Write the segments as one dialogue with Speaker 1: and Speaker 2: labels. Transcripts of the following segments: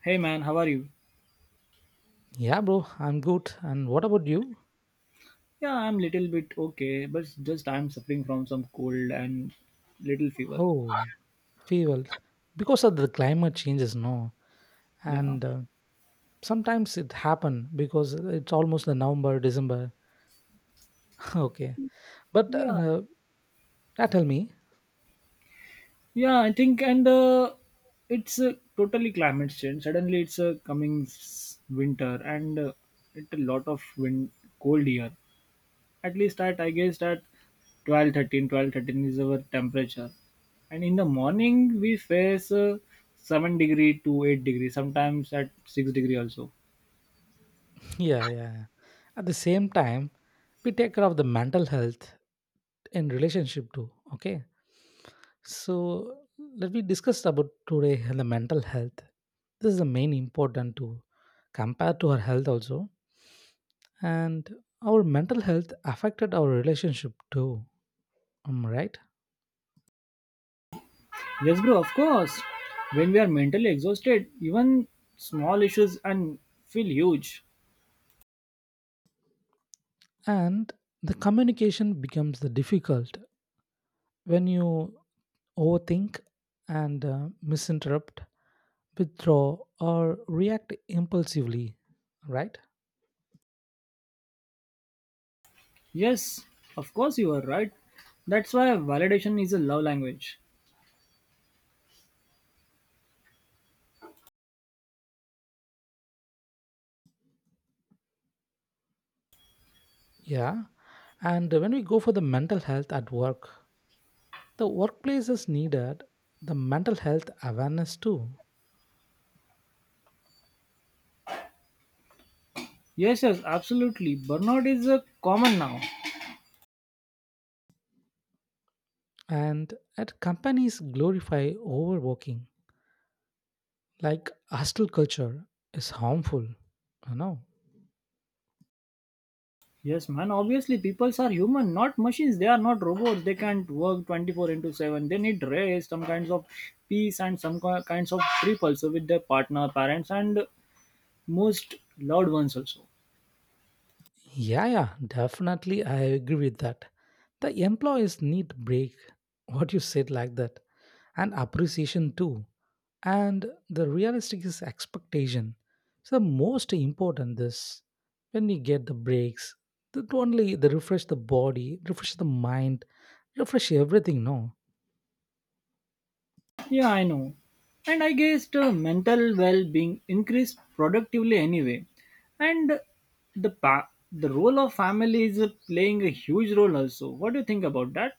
Speaker 1: Hey man, how are you?
Speaker 2: Yeah, bro, I'm good. And what about you?
Speaker 1: Yeah, I'm little bit okay, but just I'm suffering from some cold and little fever.
Speaker 2: Oh, we well, because of the climate changes, no,
Speaker 1: Yeah.
Speaker 2: and sometimes it happen because it's almost the November, December. Okay, but
Speaker 1: Yeah.
Speaker 2: yeah, tell me.
Speaker 1: Yeah, I think and It's totally climate change. Suddenly it's winter and it's a lot of wind cold here. At least at I guess at 12 13 12 13 is our temperature. And in the morning we face 7 degree to 8 degree, sometimes at 6-degree also.
Speaker 2: Yeah, yeah, yeah. At the same time, we take care of the mental health in relationship too. Okay, so let me discuss about today the mental health. This is the main important to compare to our health also, and our mental health affected our relationship too, right.
Speaker 1: Yes, bro, of course. When we are mentally exhausted, even small issues and feel huge.
Speaker 2: And the communication becomes the difficult when you overthink and misinterrupt, withdraw or react impulsively, right?
Speaker 1: Yes, of course you are right. That's why validation is a love language.
Speaker 2: Yeah. And when we go for the mental health at work, the workplace is needed the mental health awareness too.
Speaker 1: Yes, yes, absolutely. Burnout is a common now.
Speaker 2: And at companies, glorify overworking like hostile culture is harmful, you know.
Speaker 1: Yes, man, obviously people are human, not machines. They are not robots. They can't work 24 into 7. They need rest, some kinds of peace and some kinds of trip also with their partner, parents and most loved ones also.
Speaker 2: Yeah, yeah, definitely, I agree with that. The employees need break. What you said, like that, and appreciation too, and the realistic is expectation. So the most important this, when we get the breaks, that only the refresh, the body refresh, the mind refresh, everything, no?
Speaker 1: Yeah, I know. And I guess mental well-being increased productively anyway. And the the role of family is playing a huge role also. What do you think about that?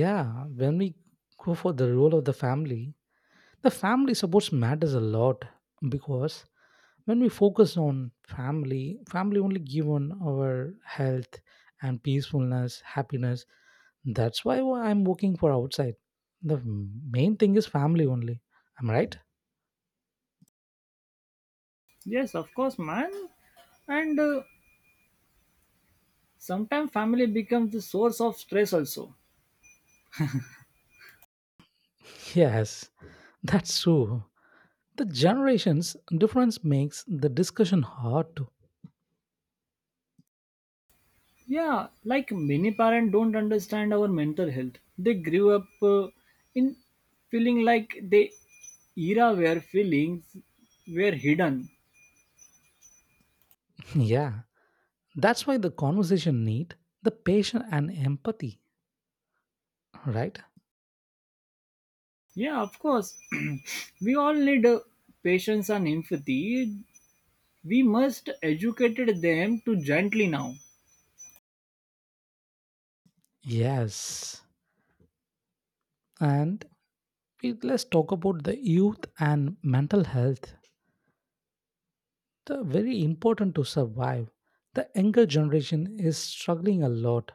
Speaker 2: Yeah. When we go for the role of the family, the family supports matters a lot, because when we focus on family, only given our health and peacefulness, happiness. That's why I'm working for outside. The main thing is family only. Am I right?
Speaker 1: Yes, of course, man. And Sometimes family becomes the source of stress also.
Speaker 2: Yes, that's true. The generations difference makes the discussion hard to.
Speaker 1: Yeah, like many parents don't understand our mental health. They grew up in feeling like the era where feelings were hidden.
Speaker 2: Yeah, that's why the conversation need the patience and empathy, right?
Speaker 1: Yeah, of course. We all need patience and empathy. We must educate them to gently now.
Speaker 2: Yes. And let's talk about the youth and mental health. The very important to survive. The younger generation is struggling a lot,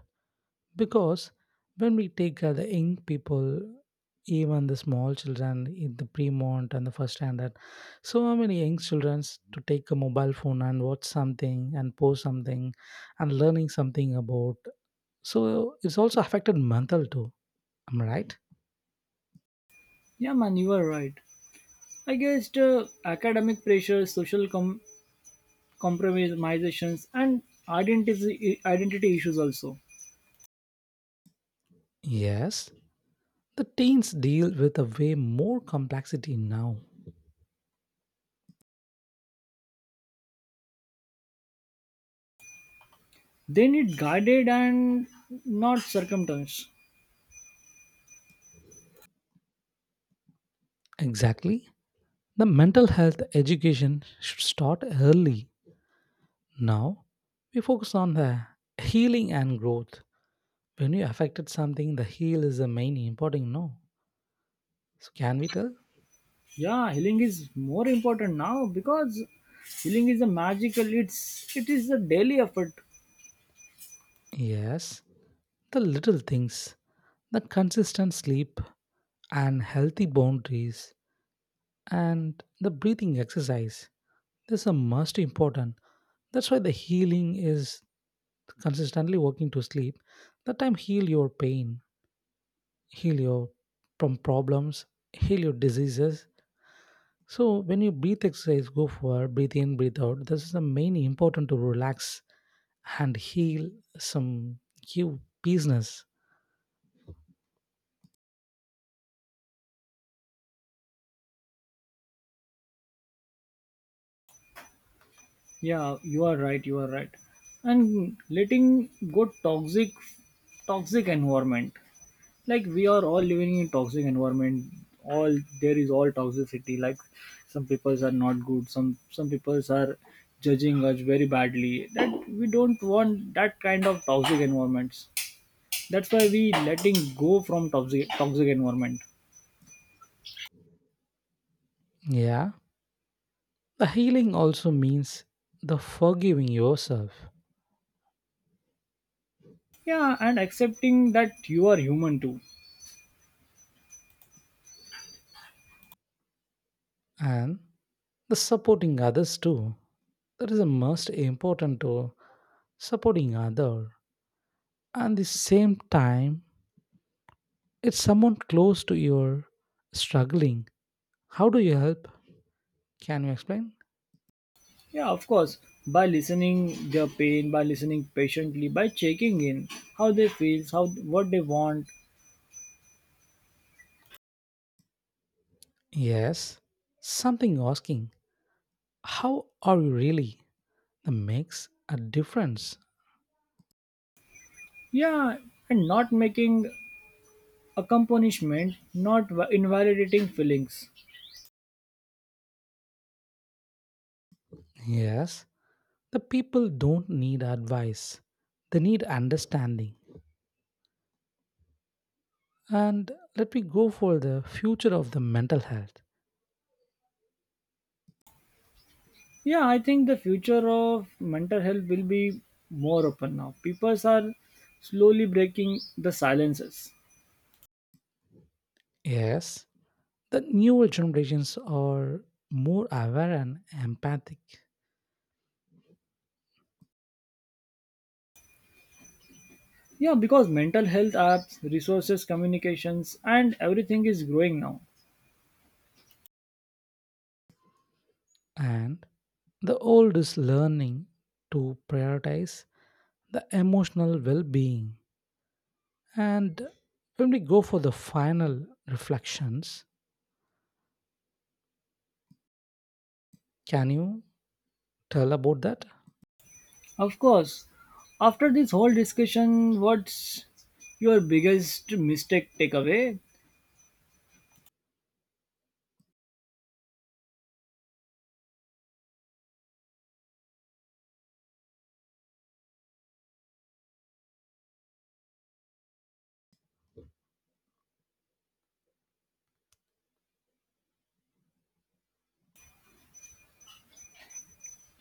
Speaker 2: because when we take the young people, even the small children in the pre-mont and the first standard, so many young children to take a mobile phone and watch something and post something and learning something about. So it's also affected mental too. Am I right?
Speaker 1: Yeah, man, you are right. I guess academic pressure, social compromisations, and identity issues also.
Speaker 2: Yes. The teens deal with a way more complexity now.
Speaker 1: They need guided and not circumstance.
Speaker 2: Exactly. The mental health education should start early. Now, we focus on the healing and growth. When you affected something, the heal is the main important, no. So can we tell?
Speaker 1: Yeah, healing is more important now because healing is a magical. It is a daily effort.
Speaker 2: Yes. The little things, the consistent sleep and healthy boundaries and the breathing exercise. These are most important. That's why the healing is consistently working to sleep. That time heal your pain, heal your from problems, heal your diseases. So when you breathe exercise, go for breathe in, breathe out. This is the main important to relax and heal some you business.
Speaker 1: Yeah, you are right. You are right. And letting go toxic, toxic environment. Like we are all living in toxic environment. All there is all toxicity. Like some peoples are not good. Some peoples are judging us very badly. That we don't want that kind of toxic environments. That's why we letting go from toxic environment.
Speaker 2: Yeah. The healing also means the forgiving yourself
Speaker 1: Yeah, and accepting that you are human too.
Speaker 2: and the supporting others too. That is the most important to supporting other. And the same time, if someone close to your struggling, how do you help? Can you explain?
Speaker 1: Yeah, of course. By listening their pain, by listening patiently, by checking in how they feel, how what they want.
Speaker 2: Yes, something asking, how are you really? That makes a difference.
Speaker 1: Yeah, and not making a not va- invalidating feelings.
Speaker 2: Yes, the people don't need advice, they need understanding. And let me go for the future of the mental health.
Speaker 1: Yeah, I think the future of mental health will be more open now. People are slowly breaking the silences.
Speaker 2: Yes, the newer generations are more aware and empathic,
Speaker 1: Yeah, because mental health apps, resources, communications, and everything is growing now.
Speaker 2: and the old is learning to prioritize the emotional well being. And when we go for the final reflections, can you tell about that?
Speaker 1: Of course. After this whole discussion, what's your biggest mistake takeaway?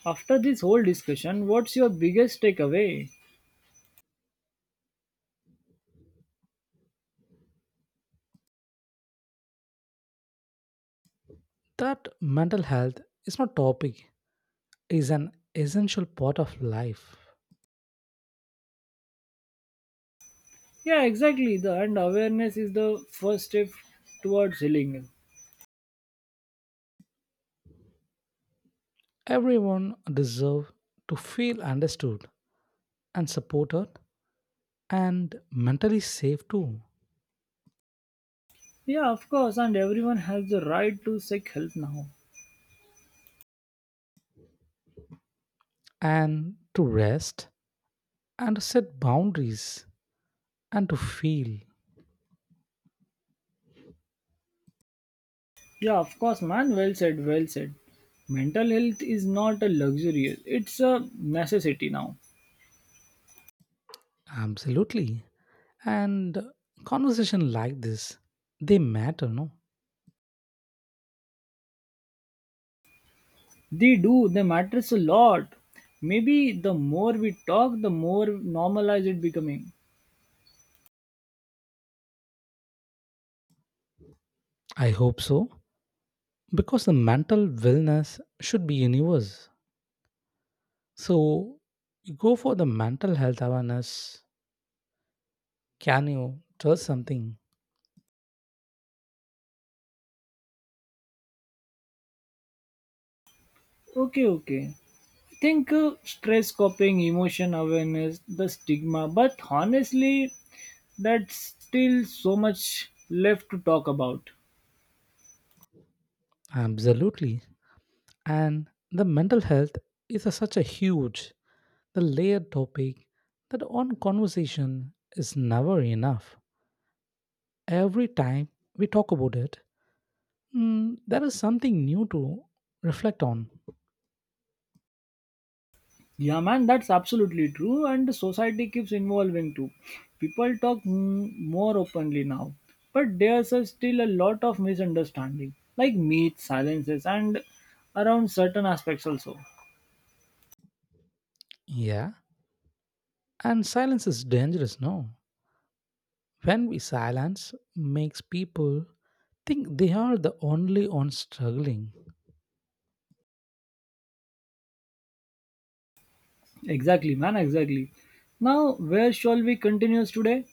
Speaker 1: After this whole discussion, what's your biggest takeaway?
Speaker 2: That mental health is not topic, is an essential part of life.
Speaker 1: Yeah, exactly. The and awareness is the first step towards healing.
Speaker 2: Everyone deserves to feel understood and supported and mentally safe too.
Speaker 1: Yeah, of course, and everyone has the right to seek help now.
Speaker 2: And to rest and to set boundaries and to feel.
Speaker 1: Yeah, of course, man. Well said, well said. Mental health is not a luxury, it's a necessity now.
Speaker 2: Absolutely. And conversation like this, they matter, no?
Speaker 1: They do, they matters a lot. Maybe the more we talk, the more normalized it becoming.
Speaker 2: I hope so, because the mental wellness should be universe. So you go for the mental health awareness, can you trust something?
Speaker 1: Okay, okay. Think stress coping, emotion awareness, the stigma. But honestly, that's still so much left to talk about.
Speaker 2: Absolutely. And the mental health is a, such a huge the layered topic that one conversation is never enough. Every time we talk about it, there is something new to reflect on.
Speaker 1: Yeah, man, that's absolutely true. And the society keeps evolving too. People talk more openly now. But there's a still a lot of misunderstanding, like myths, silences, and around certain aspects also.
Speaker 2: Yeah. And silence is dangerous, no. When we silence makes people think they are the only ones struggling.
Speaker 1: Exactly, man, exactly. Now, where shall we continue today?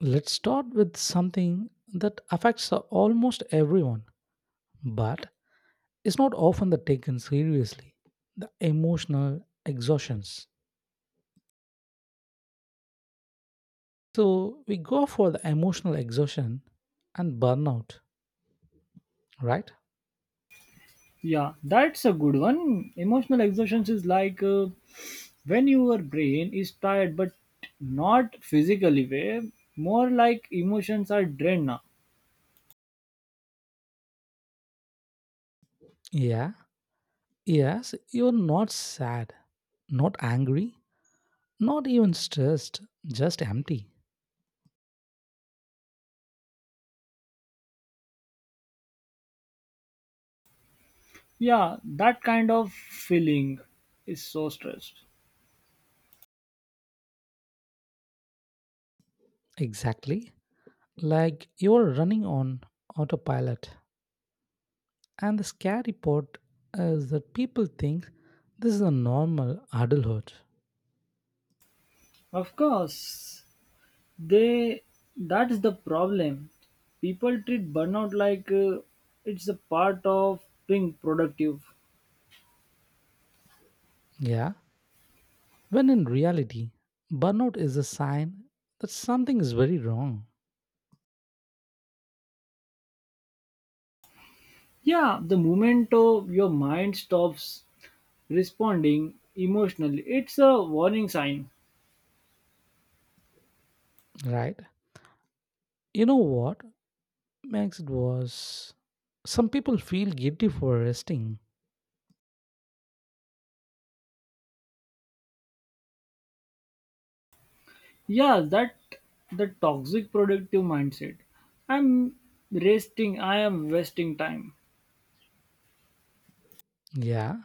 Speaker 2: Let's start with something that affects almost everyone, but is not often the taken seriously, the emotional exhaustions. So we go for the emotional exhaustion and burnout, right?
Speaker 1: Yeah, that's a good one. Emotional exhaustion is like when your brain is tired, but not physically way, more like emotions are drained now.
Speaker 2: Yeah, yes, you're not sad, not angry, not even stressed, just empty.
Speaker 1: Yeah, that kind of feeling is so stressed.
Speaker 2: Exactly. Like you're running on autopilot. And the scary part is that people think this is a normal adulthood.
Speaker 1: Of course, they that's the problem. People treat burnout like it's a part of being productive.
Speaker 2: Yeah, when in reality, burnout is a sign that something is very wrong,
Speaker 1: Yeah, the moment your mind stops responding emotionally, it's a warning sign.
Speaker 2: right? You know what makes it worse? Some people feel guilty for resting.
Speaker 1: Yeah, that the toxic productive mindset. I'm I am wasting time.
Speaker 2: Yeah,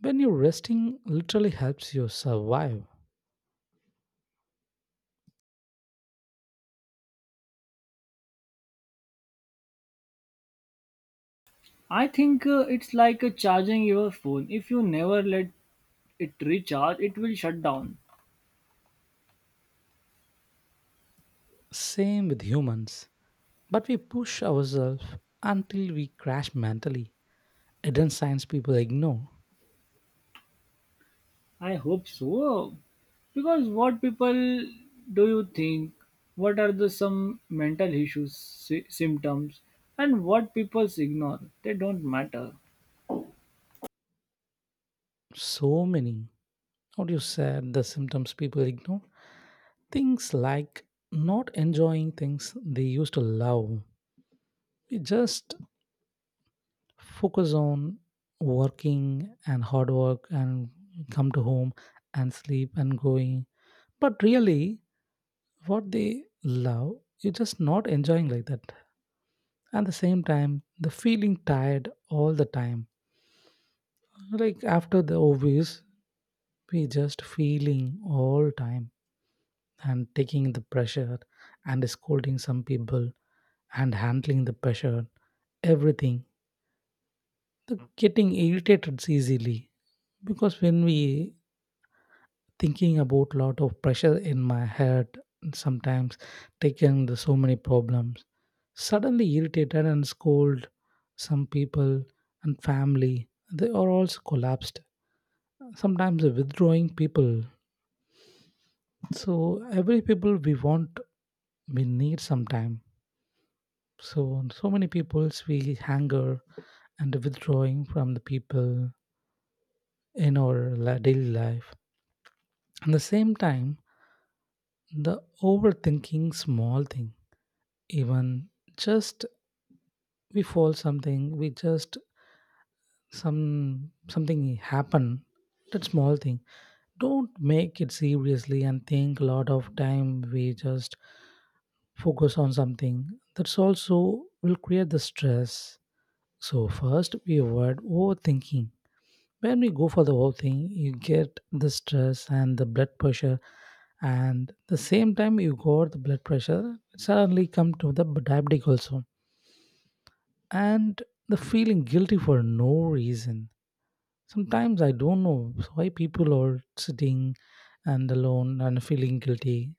Speaker 2: when you're resting literally helps you survive.
Speaker 1: I think it's like charging your phone. If you never let it recharge, it will shut down.
Speaker 2: Same with humans. But we push ourselves until we crash mentally. Hidden signs people ignore.
Speaker 1: I hope so. Because what people do you think? What are the some mental issues, symptoms, and what people ignore? They don't matter.
Speaker 2: So many. What you said, the symptoms people ignore. Things like not enjoying things they used to love. We just focus on working and hard work and come to home and sleep and going. But really, what they love, you're just not enjoying like that. At the same time, the feeling tired all the time. Like after the obvious, we just feeling all time and taking the pressure and scolding some people and handling the pressure, everything. The getting irritated easily, because when we thinking about lot of pressure in my head, sometimes taking the so many problems, suddenly irritated and scold some people and family. They are also collapsed. Sometimes withdrawing people. So every people we want, we need some time. So so many peoples we hanger and withdrawing from the people in our la- daily life. At the same time, the overthinking small thing, even just we fall something, we just some something happen, that small thing. Don't make it seriously and think a lot of time. We just focus on something. That's also will create the stress. So first we avoid overthinking. When we go for the whole thing, you get the stress and the blood pressure, and the same time you got the blood pressure it suddenly come to the diabetic also. And the feeling guilty for no reason. Sometimes I don't know why people are sitting and alone and feeling guilty.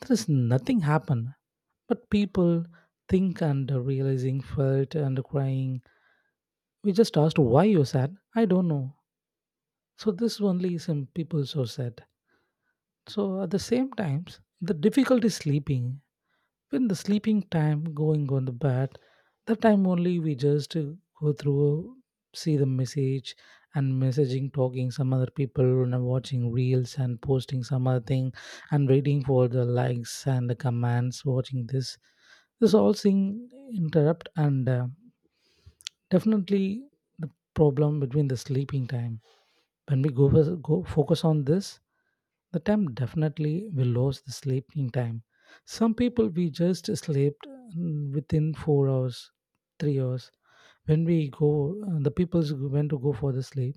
Speaker 2: There is nothing happen, but people think and realizing felt and crying. We just asked, why you sad? I don't know. So this only some people so sad. So at the same times, the difficulty sleeping. When the sleeping time going on the bed, the time only we just go through, see the message and messaging, talking some other people and watching reels and posting some other thing and waiting for the likes and the comments, watching this. This all thing interrupt and definitely the problem between the sleeping time. When we go, go focus on this, the time definitely we lose the sleeping time. Some people we just slept within 4 hours, 3 hours. When we go, the people went to go for the sleep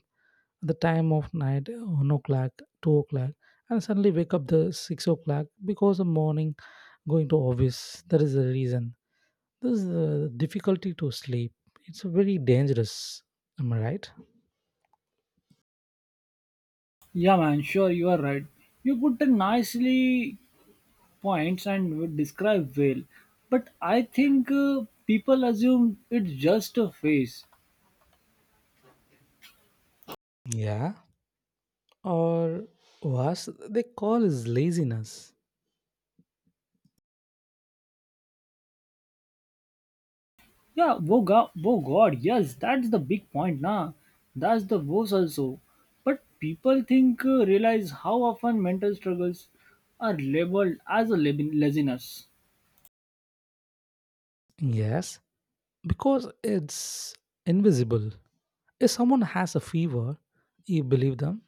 Speaker 2: at the time of night, 1 o'clock, 2 o'clock, and suddenly wake up the 6 o'clock because the morning going to office. That is the reason. This is the difficulty to sleep. It's very dangerous. Am I right?
Speaker 1: Yeah, man, sure, you are right. You put the nicely points and would describe well, but I think people assume it's just a face.
Speaker 2: Yeah. Or was they call is laziness.
Speaker 1: Yeah, oh god, yes, that's the big point, na. That's the woes also. But people think realize how often mental struggles are labeled as a laziness.
Speaker 2: Yes, because it's invisible. If someone has a fever, you believe them.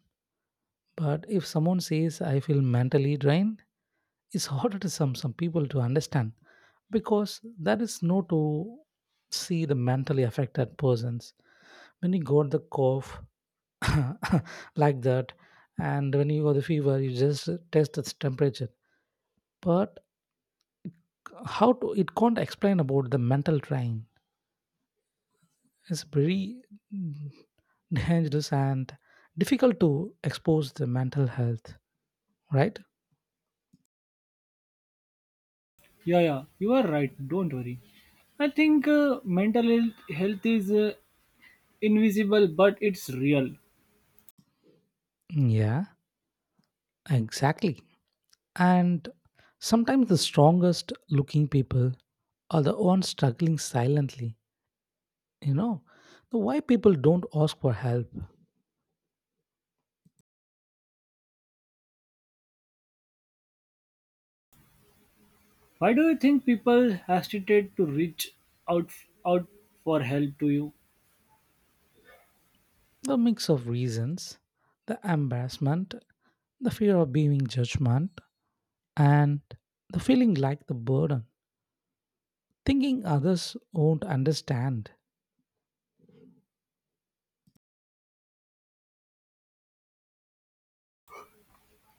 Speaker 2: But if someone says, I feel mentally drained, it's harder to some people to understand, because there is no to see the mentally affected persons. When you got the cough like that, and when you got the fever, you just test its temperature. But how to it can't explain about the mental train, it's very mm, dangerous and difficult to expose the mental health, right?
Speaker 1: Yeah, yeah, you are right. Don't worry. I think mental health, health is invisible, but it's real.
Speaker 2: Yeah, exactly. And sometimes the strongest looking people are the ones struggling silently, you know. The why people don't ask for help,
Speaker 1: Why do you think people hesitate to reach out out for help to you?
Speaker 2: the mix of reasons, the embarrassment, the fear of being judgment, and the feeling like the burden, thinking others won't understand.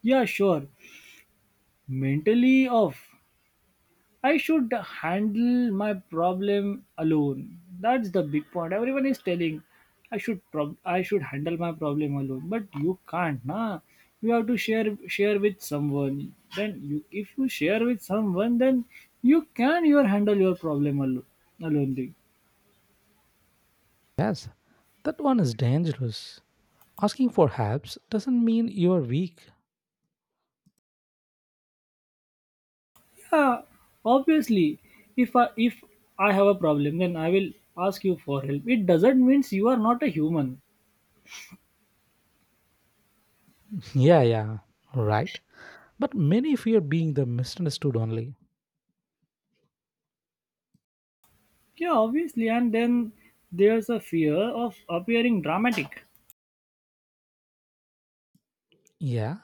Speaker 1: Yeah, sure. Mentally off. I should handle my problem alone. That's the big point. Everyone is telling I should I should handle my problem alone, but you can't, nah. You have to share with someone. Then you, if you share with someone, then you can your handle your problem alone. Alone, thing.
Speaker 2: Yes, that one is dangerous. Asking for helps doesn't mean you're weak.
Speaker 1: Yeah. Obviously, if I have a problem, then I will ask you for help. It doesn't means you are not a human.
Speaker 2: Yeah, yeah, right. But many fear being the misunderstood only.
Speaker 1: Yeah, obviously, and then there's a fear of appearing dramatic.
Speaker 2: Yeah,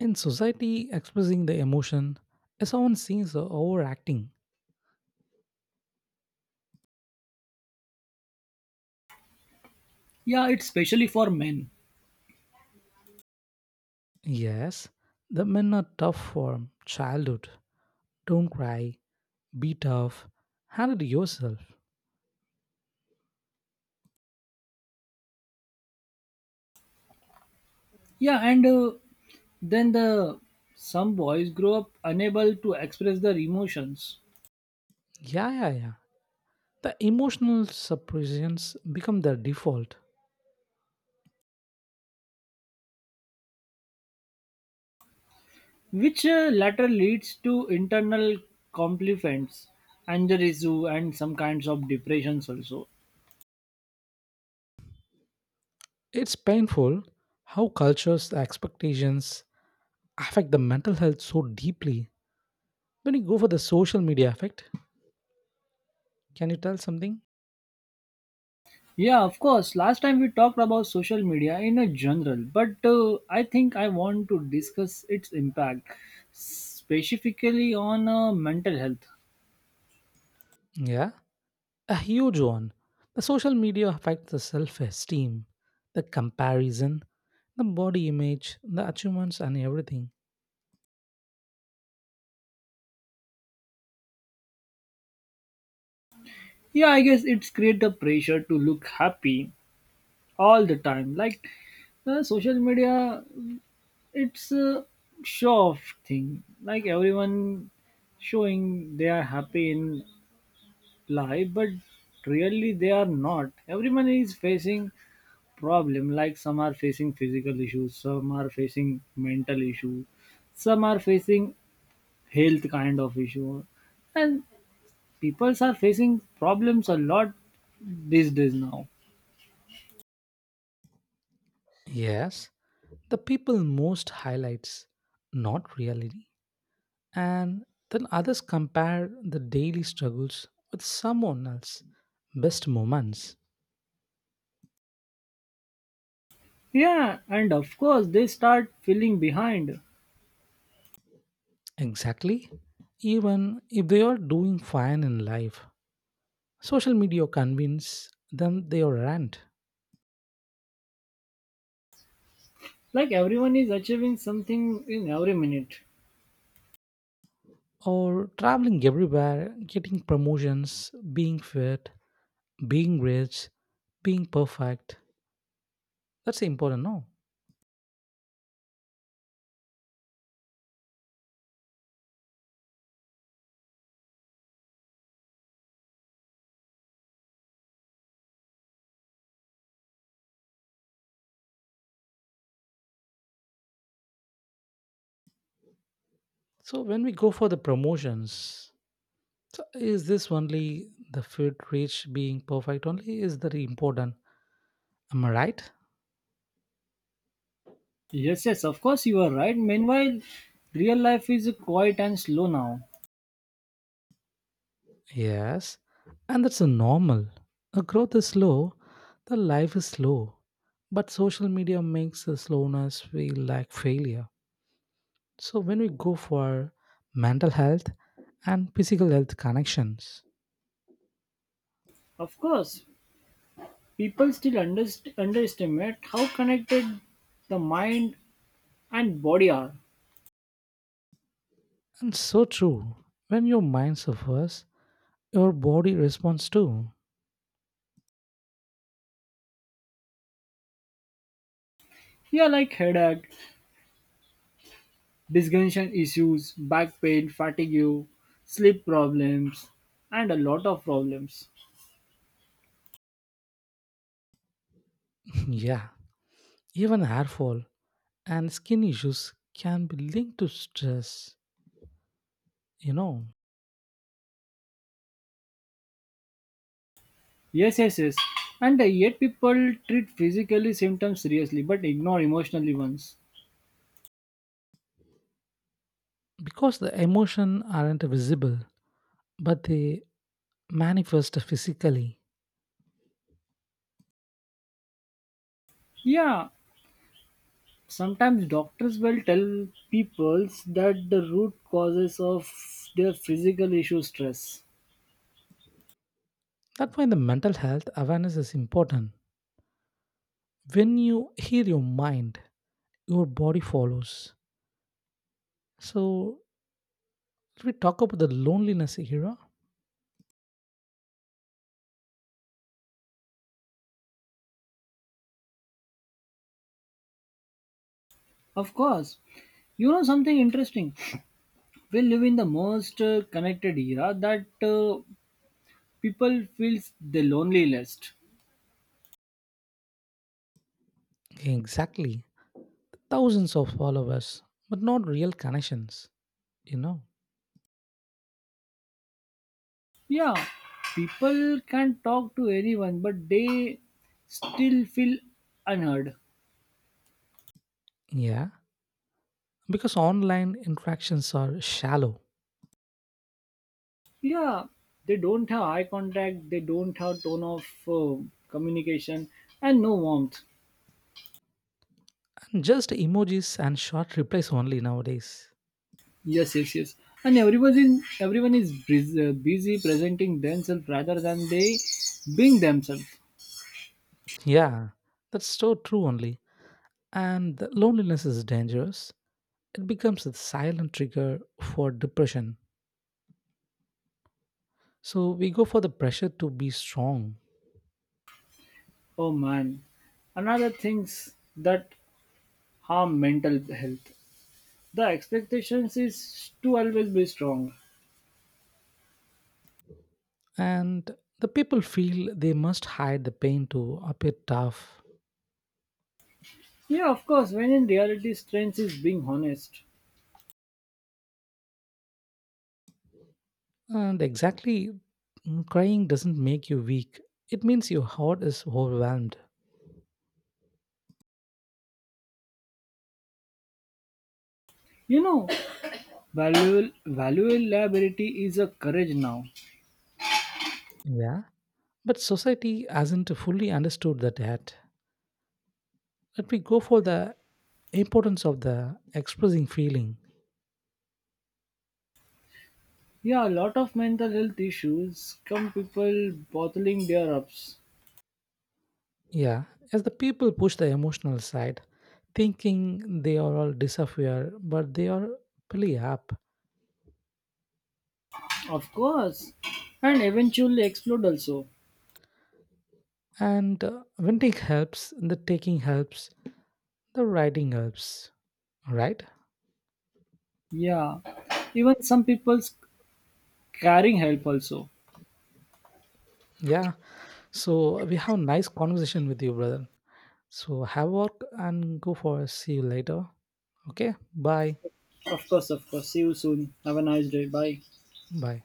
Speaker 2: in society, expressing the emotion is often seen as overacting.
Speaker 1: Yeah, it's especially for men.
Speaker 2: Yes, the men are tough from childhood. Don't cry, be tough, handle yourself.
Speaker 1: Yeah, and Then the some boys grow up unable to express their emotions,
Speaker 2: Yeah, yeah, yeah. The emotional suppressions become their default.
Speaker 1: which later leads to internal conflicts, anger issue, and some kinds of depressions also.
Speaker 2: It's painful how culture's expectations affect the mental health so deeply. When you go for the social media effect, can you tell something?
Speaker 1: Yeah, of course. Last time we talked about social media in a general, but I think I want to discuss its impact specifically on mental health.
Speaker 2: Yeah, a huge one. The social media affects the self esteem, the comparison, the body image, the achievements, and everything.
Speaker 1: Yeah, I guess it's create the pressure to look happy all the time. Like social media, it's a show off thing. Like everyone showing they are happy in life, but really they are not. Everyone is facing problem. Like some are facing physical issues, some are facing mental issue, some are facing health kind of issue, and people are facing problems a lot these days now.
Speaker 2: Yes, the people most highlights, not reality. And then others compare the daily struggles with someone else' best moments.
Speaker 1: Yeah, and of course, they start feeling behind.
Speaker 2: Exactly. Even if they are doing fine in life, social media convince them they are rent
Speaker 1: Like everyone is achieving something in every minute.
Speaker 2: or traveling everywhere, getting promotions, being fit, being rich, being perfect. That's important, no? So when we go for the promotions, so is this only the fit, rich, being perfect only is that important? Am I right?
Speaker 1: Yes, yes, of course, you are right. Meanwhile, real life is quiet and slow now.
Speaker 2: Yes, and that's a normal. A growth is slow, the life is slow, but social media makes the slowness feel like failure. So when we go for mental health and physical health connections,
Speaker 1: Of course, people still underestimate how connected the mind and body are.
Speaker 2: and so true, when your mind suffers, your body responds too.
Speaker 1: Yeah, like headache, discussion issues, back pain, fatigue, sleep problems, and a lot of problems.
Speaker 2: Yeah, even hair fall and skin issues can be linked to stress, you know.
Speaker 1: Yes, yes, yes. And Yet people treat physically symptoms seriously but ignore emotionally ones.
Speaker 2: Because the emotion aren't visible, but they manifest physically.
Speaker 1: Yeah, sometimes doctors will tell people that the root causes of their physical issue stress.
Speaker 2: That's why the mental health awareness is important. When you hear your mind, your body follows. So, if we talk about the loneliness era,
Speaker 1: Of course. You know something interesting? We live in the most connected era that people feels the loneliest.
Speaker 2: exactly. Thousands of followers, but not real connections, you know?
Speaker 1: Yeah, people can talk to anyone but they still feel unheard.
Speaker 2: Yeah, because online interactions are shallow,
Speaker 1: Yeah, they don't have eye contact, they don't have tone of communication and no warmth.
Speaker 2: and just emojis and short replies only nowadays.
Speaker 1: Yes, yes, yes. And everyone is busy presenting themselves rather than they being themselves.
Speaker 2: Yeah, that's so true only. And the loneliness is dangerous, it becomes a silent trigger for depression. So we go for the pressure to be strong,
Speaker 1: Oh man, another things that harm mental health, the expectations is to always be strong.
Speaker 2: and the people feel they must hide the pain to appear tough.
Speaker 1: Yeah, of course, when in reality strength is being honest.
Speaker 2: And exactly, crying doesn't make you weak, it means your heart is overwhelmed.
Speaker 1: You know, valuable liability is a courage now.
Speaker 2: Yeah. But society hasn't fully understood that yet. Let we go for the importance of the expressing feeling.
Speaker 1: Yeah, a lot of mental health issues come people bottling their ups.
Speaker 2: Yeah, as the people push the emotional side, thinking they are all disappear, but they are really up.
Speaker 1: Of course. And eventually explode also.
Speaker 2: And venting helps, the taking helps, the writing helps. All right?
Speaker 1: Yeah. Even some people's carrying help also.
Speaker 2: Yeah. So we have nice conversation with you, brother. So have work and go for. See you later. Okay. Bye.
Speaker 1: Of course, of course. See you soon. Have a nice day. Bye.
Speaker 2: Bye.